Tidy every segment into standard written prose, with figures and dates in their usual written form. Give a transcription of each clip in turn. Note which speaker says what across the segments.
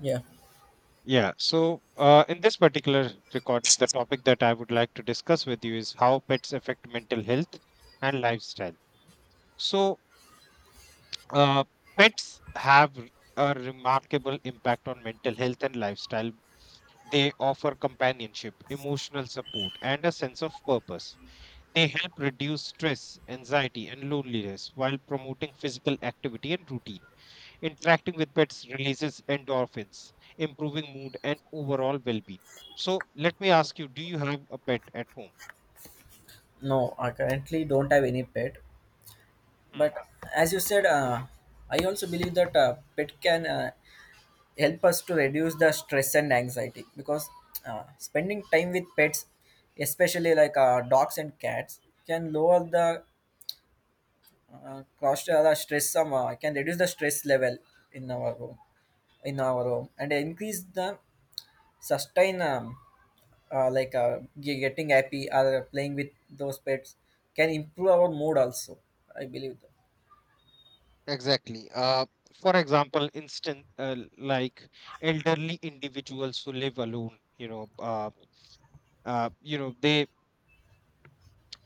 Speaker 1: Yeah,
Speaker 2: Yeah. So in this particular records, the topic that I would like to discuss with you is how pets affect mental health and lifestyle. So, uh, pets have r- a remarkable impact on mental health and lifestyle. They offer companionship, emotional support, and a sense of purpose. They help reduce stress, anxiety, and loneliness while promoting physical activity and routine. Interacting with pets releases endorphins, improving mood and overall well being. So, let me ask you, do you have a pet at home?
Speaker 1: no, I currently don't have any pet,
Speaker 2: Hmm.
Speaker 1: but as you said, I also believe that pet can help us to reduce the stress and anxiety because spending time with pets, especially like dogs and cats, can lower the cost or the stress some can reduce the stress level in our home, in our home, and increase the sustain. Like getting happy or playing with those pets can improve our mood also I believe that.
Speaker 2: Exactly. For example, instant like elderly individuals who live alone, they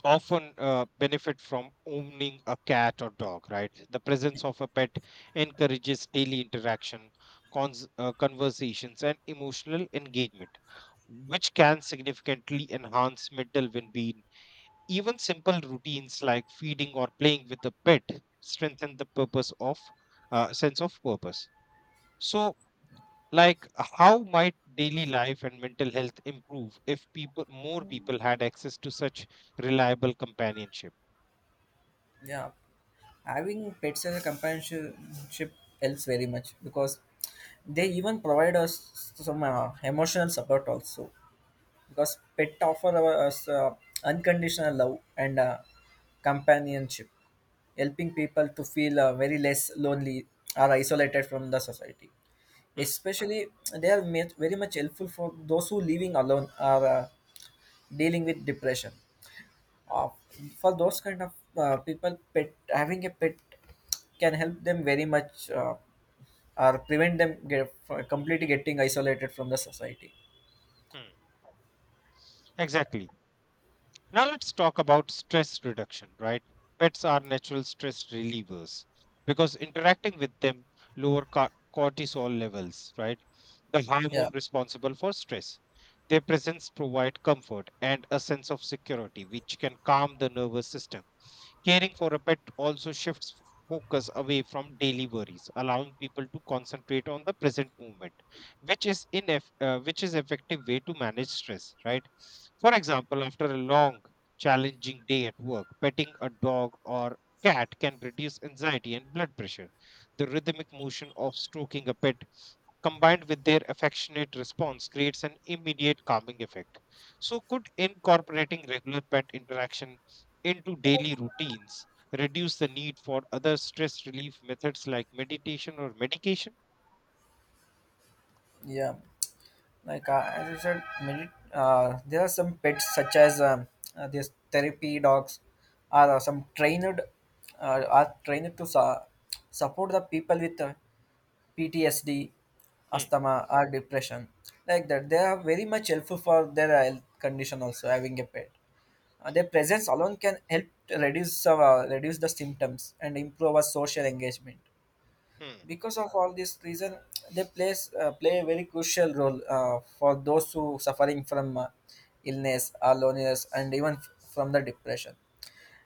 Speaker 2: often benefit from owning a cat or dog, right? The presence of a pet encourages daily interaction, conversations, and emotional engagement, which can significantly enhance mental well being. Even simple routines like feeding or playing with a pet strengthen the purpose of sense of purpose. So, like, how might daily life and mental health improve if people more people had access to such reliable companionship?
Speaker 1: Yeah, having pets as a companionship helps very much because they even provide us some emotional support also, because pet offer us unconditional love and companionship, helping people to feel very less lonely or isolated from the society,
Speaker 2: Hmm.
Speaker 1: especially they are very much helpful for those who living alone or dealing with depression, uh, for those kind of people pet having a pet can help them very much, or prevent them get, completely getting isolated from the society.
Speaker 2: Hmm. Exactly. Now let's talk about stress reduction, right? Pets are natural stress relievers because interacting with them lower cortisol levels, right? The
Speaker 1: yeah
Speaker 2: hormone responsible for stress. Their presence provide comfort and a sense of security, which can calm the nervous system. Caring for a pet also shifts focus away from daily worries, allowing people to concentrate on the present moment, which is in which is effective way to manage stress. Right. For example, after a long, challenging day at work, petting a dog or cat can reduce anxiety and blood pressure. The rhythmic motion of stroking a pet combined with their affectionate response creates an immediate calming effect. So, could incorporating regular pet interaction into daily routines reduce the need for other stress relief methods like meditation or medication?
Speaker 1: yeah Like, as you said, medi there are some pets such as these therapy dogs are some trained are trained to support the people with PTSD,
Speaker 2: Hmm.
Speaker 1: asthma or depression. Like that, they are very much helpful for their health condition also. Having a pet,
Speaker 2: Hmm.
Speaker 1: their presence alone can help to reduce the symptoms and improve our social engagement.
Speaker 2: Hmm.
Speaker 1: Because of all this reason, they play a very crucial role for those who suffering from illness or loneliness and even from the depression.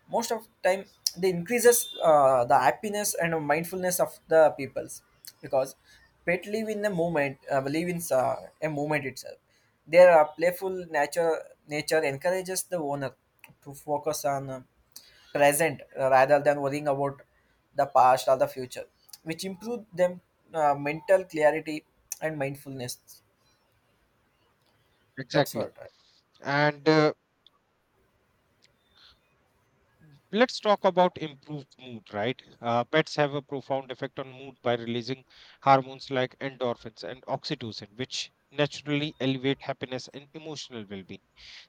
Speaker 1: Most of time they increases the happiness and mindfulness of the peoples, because pet live in the movement live in a movement itself. Their playful nature encourages the owner to focus on present rather than worrying about the past or the future, which improve them mental clarity and mindfulness. That's
Speaker 2: Exactly.
Speaker 1: what.
Speaker 2: And Let's talk about improved mood, right? Pets have a profound effect on mood by releasing hormones like endorphins and oxytocin, which naturally elevate happiness and emotional well being.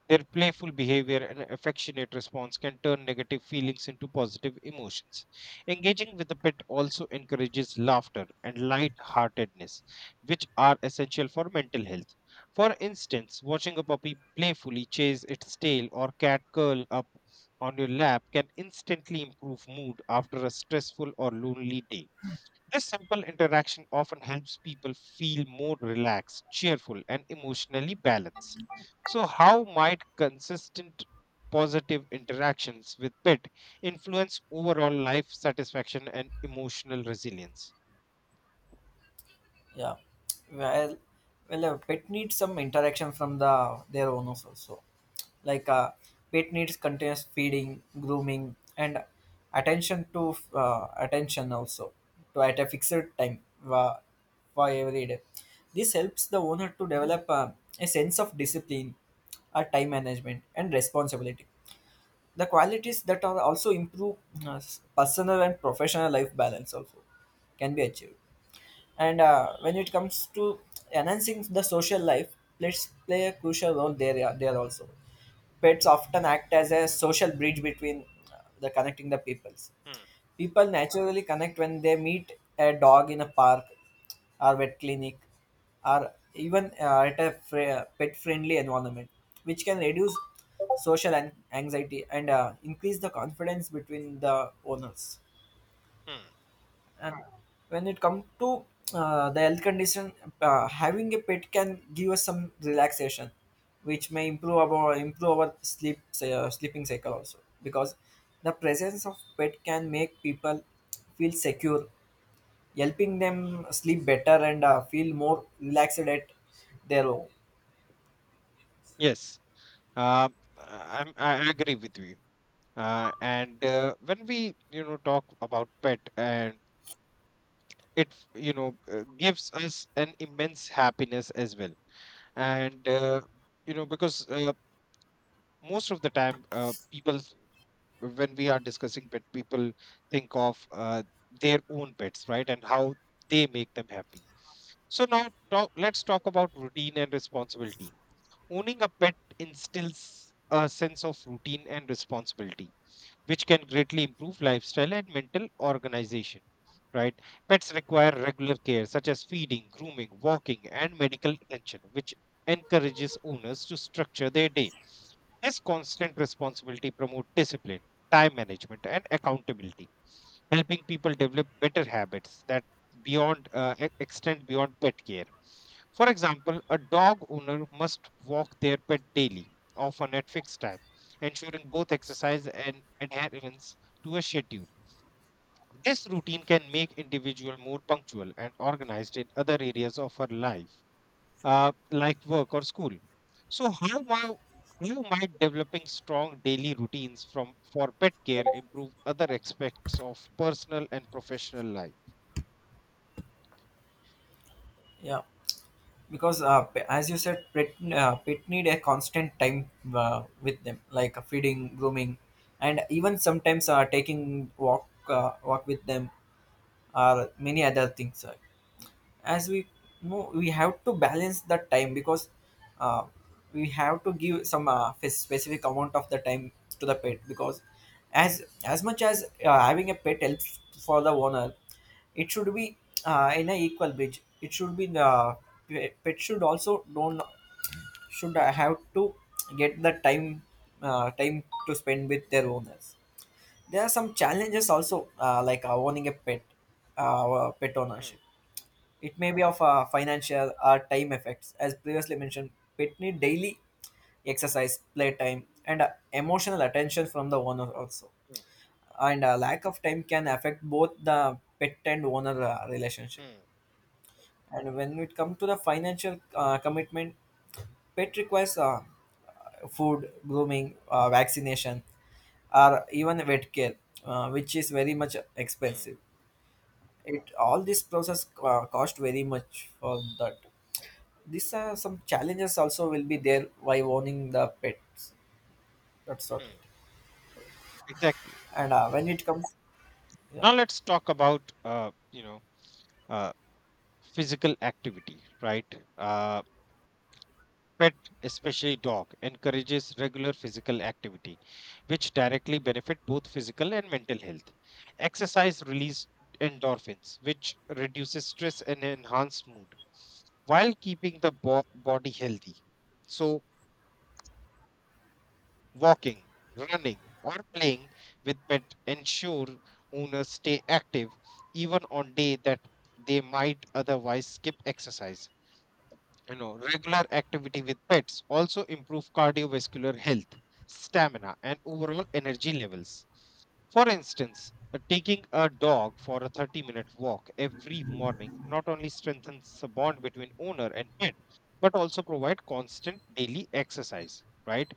Speaker 2: Their playful behavior and affectionate response can turn negative feelings into positive emotions. Engaging with the pet also encourages laughter and light-heartedness, which are essential for mental health. For instance, watching a puppy playfully chase its tail or cat curl up on your lap can instantly improve mood after a stressful or lonely day. This simple interaction often helps people feel more relaxed, cheerful, and emotionally balanced. So, how might consistent positive interactions with pet influence overall life satisfaction and emotional resilience?
Speaker 1: Yeah. Well, well, a pet needs some interaction from the their owners also. Like, pet needs continuous feeding, grooming, and attention also, to at a fixed time for every day. This helps the owner to develop a sense of discipline, a time management, and responsibility. The qualities that are also improve uh, personal and professional life balance also can be achieved. And when it comes to enhancing the social life, pets play a crucial role there, yeah, there also. Pets often act as a social bridge between the connecting the peoples.
Speaker 2: Hmm.
Speaker 1: People naturally connect when they meet a dog in a park or vet clinic or even at a pet friendly environment, which can reduce social anxiety and increase the confidence between the owners.
Speaker 2: Hmm.
Speaker 1: And when it comes to the health condition, having a pet can give us some relaxation, which may improve our sleeping cycle also. Because the presence of pet can make people feel secure, helping them sleep better and feel more relaxed at their home.
Speaker 2: Yes, uh, I agree with you. And When we, you know, talk about pet, and it, you know, gives us an immense happiness as well. And you know, because Most of the time, people, when we are discussing pet, people think of their own pets, right? And how they make them happy. So now let's talk about routine and responsibility. Owning a pet instills a sense of routine and responsibility which can greatly improve lifestyle and mental organization. Right? Pets require regular care, such as feeding, grooming, walking, and medical attention, which encourages owners to structure their day. This constant responsibility promotes discipline, time management, and accountability, helping people develop better habits that extend beyond pet care. For example, a dog owner must walk their pet daily, often at fixed time, ensuring both exercise and adherence to a schedule. This routine can make individual more punctual and organized in other areas of our life, like work or school. So, how might developing strong daily routines from for pet care improve other aspects of personal and professional life?
Speaker 1: Yeah. Because as you said pet need a constant time with them like, feeding grooming and even sometimes taking walk walk with them or many other things, as we know we have to balance the time, because uh, we have to give some specific amount of the time to the pet, because as much as having a pet helps for the owner, it should be in an equal bridge. It should be the pet should also don't should have to get the time, time to spend with their owners. There are some challenges also, like, owning a pet pet
Speaker 2: Mm.
Speaker 1: ownership. It may be of financial or time effects. As previously mentioned, pet need daily exercise, playtime, and emotional attention from the owner also.
Speaker 2: Mm.
Speaker 1: And lack of time can affect both the pet and owner relationship.
Speaker 2: Mm.
Speaker 1: And when it comes to the financial commitment, pet requires food, grooming, vaccination, or even vet care, which is very much
Speaker 2: Mm.
Speaker 1: expensive. It all this process cost very much for that. These are some challenges also will be there while owning the pets. That's not it.
Speaker 2: Mm. Exactly.
Speaker 1: And when it comes. Yeah.
Speaker 2: Now let's talk about uh, physical activity, right? Uh, Pet, especially dog, encourages regular physical activity, which directly benefit both physical and mental health. Exercise releases endorphins, which reduces stress and enhances mood while keeping body healthy. So, walking, running, or playing with pet ensure owners stay active even on day that they might otherwise skip exercise. You know, regular activity with pets also improve cardiovascular health, stamina, and overall energy levels. For instance, taking a dog for a 30-minute walk every morning not only strengthens the bond between owner and pet, but also provide constant daily exercise, right?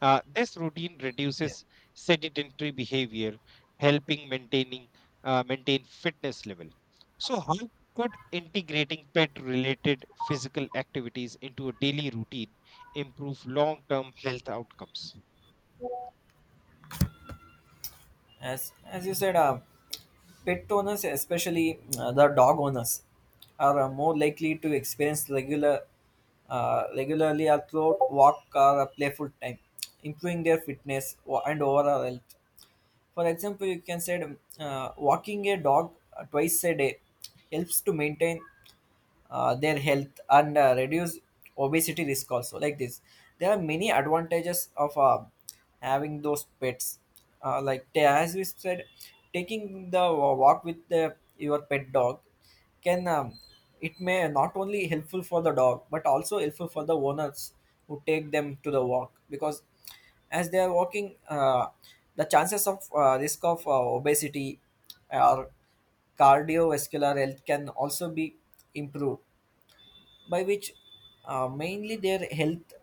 Speaker 2: This routine
Speaker 1: yeah
Speaker 2: reduces sedentary behavior, helping maintain fitness level. So how could integrating pet related physical activities into a daily routine improve long term health outcomes?
Speaker 1: as you said, pet owners especially the dog owners are more likely to experience regularly a throat walk or a playful time, improving their fitness and overall health. For example, you can say walking a dog twice a day helps to maintain their health and reduce obesity risk also. Like this, there are many advantages of having those pets, as we said, taking the walk with the, your pet dog can it may not only helpful for the dog but also helpful for the owners who take them to the walk, because as they are walking, the chances of risk of obesity or cardiovascular health can also be improved, by which mainly their health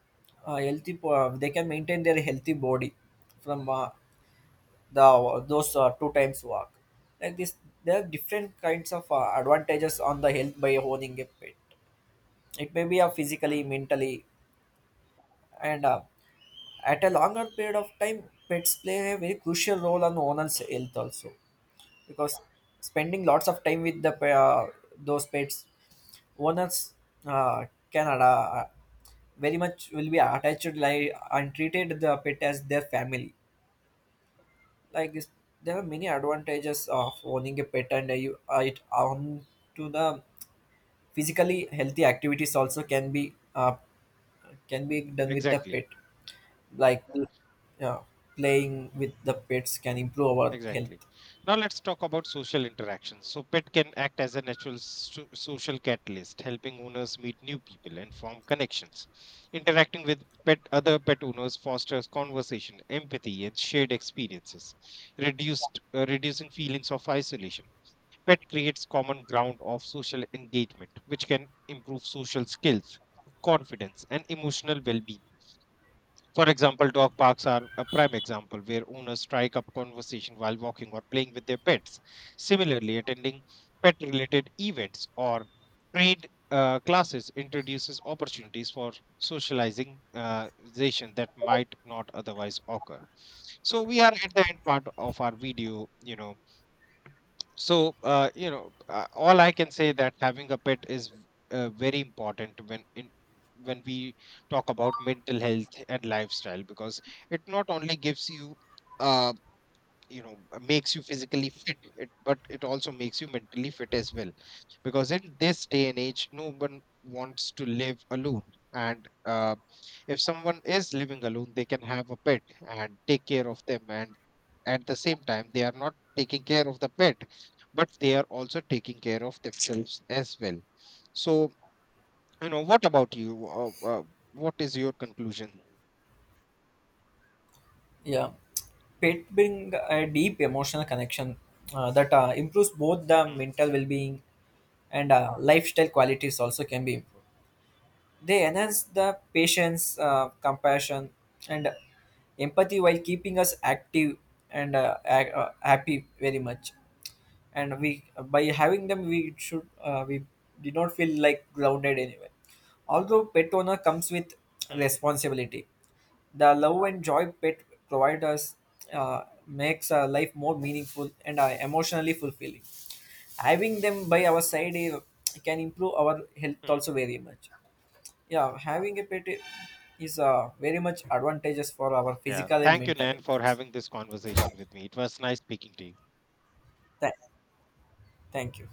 Speaker 1: healthy po- they can maintain their healthy body from the those two times walk. Like this, there are different kinds of advantages on the health by owning a pet. It may be physically
Speaker 2: Hmm.
Speaker 1: mentally, and at a longer period of time pets play a very crucial role on owner's
Speaker 2: Hmm.
Speaker 1: health also. Because spending lots of time with the those pets, owners uh, can very much will be attached like and treated the pet as their family. Like this, there are many advantages of owning a pet, and you it on to the physically healthy activities also can be done with the
Speaker 2: Exactly.
Speaker 1: pet. Like, yeah, playing with the pets can improve our health.
Speaker 2: Exactly. Now let's talk about social interactions. So pet can act as a natural social catalyst, helping owners meet new people and form connections. Interacting with pet, other pet owners fosters conversation, empathy, and shared experiences, reduced reducing feelings of isolation. Pet creates common ground of social engagement, which can improve social skills, confidence, and emotional well being. For example, dog parks are a prime example where owners strike up conversation while walking or playing with their pets. Similarly, attending pet related events or trade classes introduces opportunities for socializing zation that might not otherwise occur. So we are at the end part of our video, you know. So, all I can say that having a pet is very important when in when we talk about mental health and lifestyle, because it not only gives you, uh, you know makes you physically fit, it, but it also makes you mentally fit as well, because in this day and age no one wants to live alone. And If someone is living alone they can have a pet and take care of them, and at the same time they are not taking care of the pet, but they are also taking care of themselves as well. So, you know, what about you, what is your conclusion?
Speaker 1: Yeah, pet bring a deep emotional connection that improves both the
Speaker 2: Hmm.
Speaker 1: mental well-being and lifestyle qualities also can be improved. They enhance the patience, compassion, and empathy while keeping us active and happy very much. And we by having them, we did not feel like grounded anyway. Although pet owner comes with
Speaker 2: Hmm.
Speaker 1: responsibility, the love and joy pet provide us makes our life more meaningful and emotionally fulfilling. Having them by our side, can improve our health
Speaker 2: Hmm.
Speaker 1: also very much. Yeah, having a pet is very much advantageous for our
Speaker 2: Yeah.
Speaker 1: physical and
Speaker 2: Thank you,
Speaker 1: mental
Speaker 2: Nan,
Speaker 1: health
Speaker 2: for
Speaker 1: also.
Speaker 2: having this conversation with me. It was nice speaking to you.
Speaker 1: Tha- Thank you.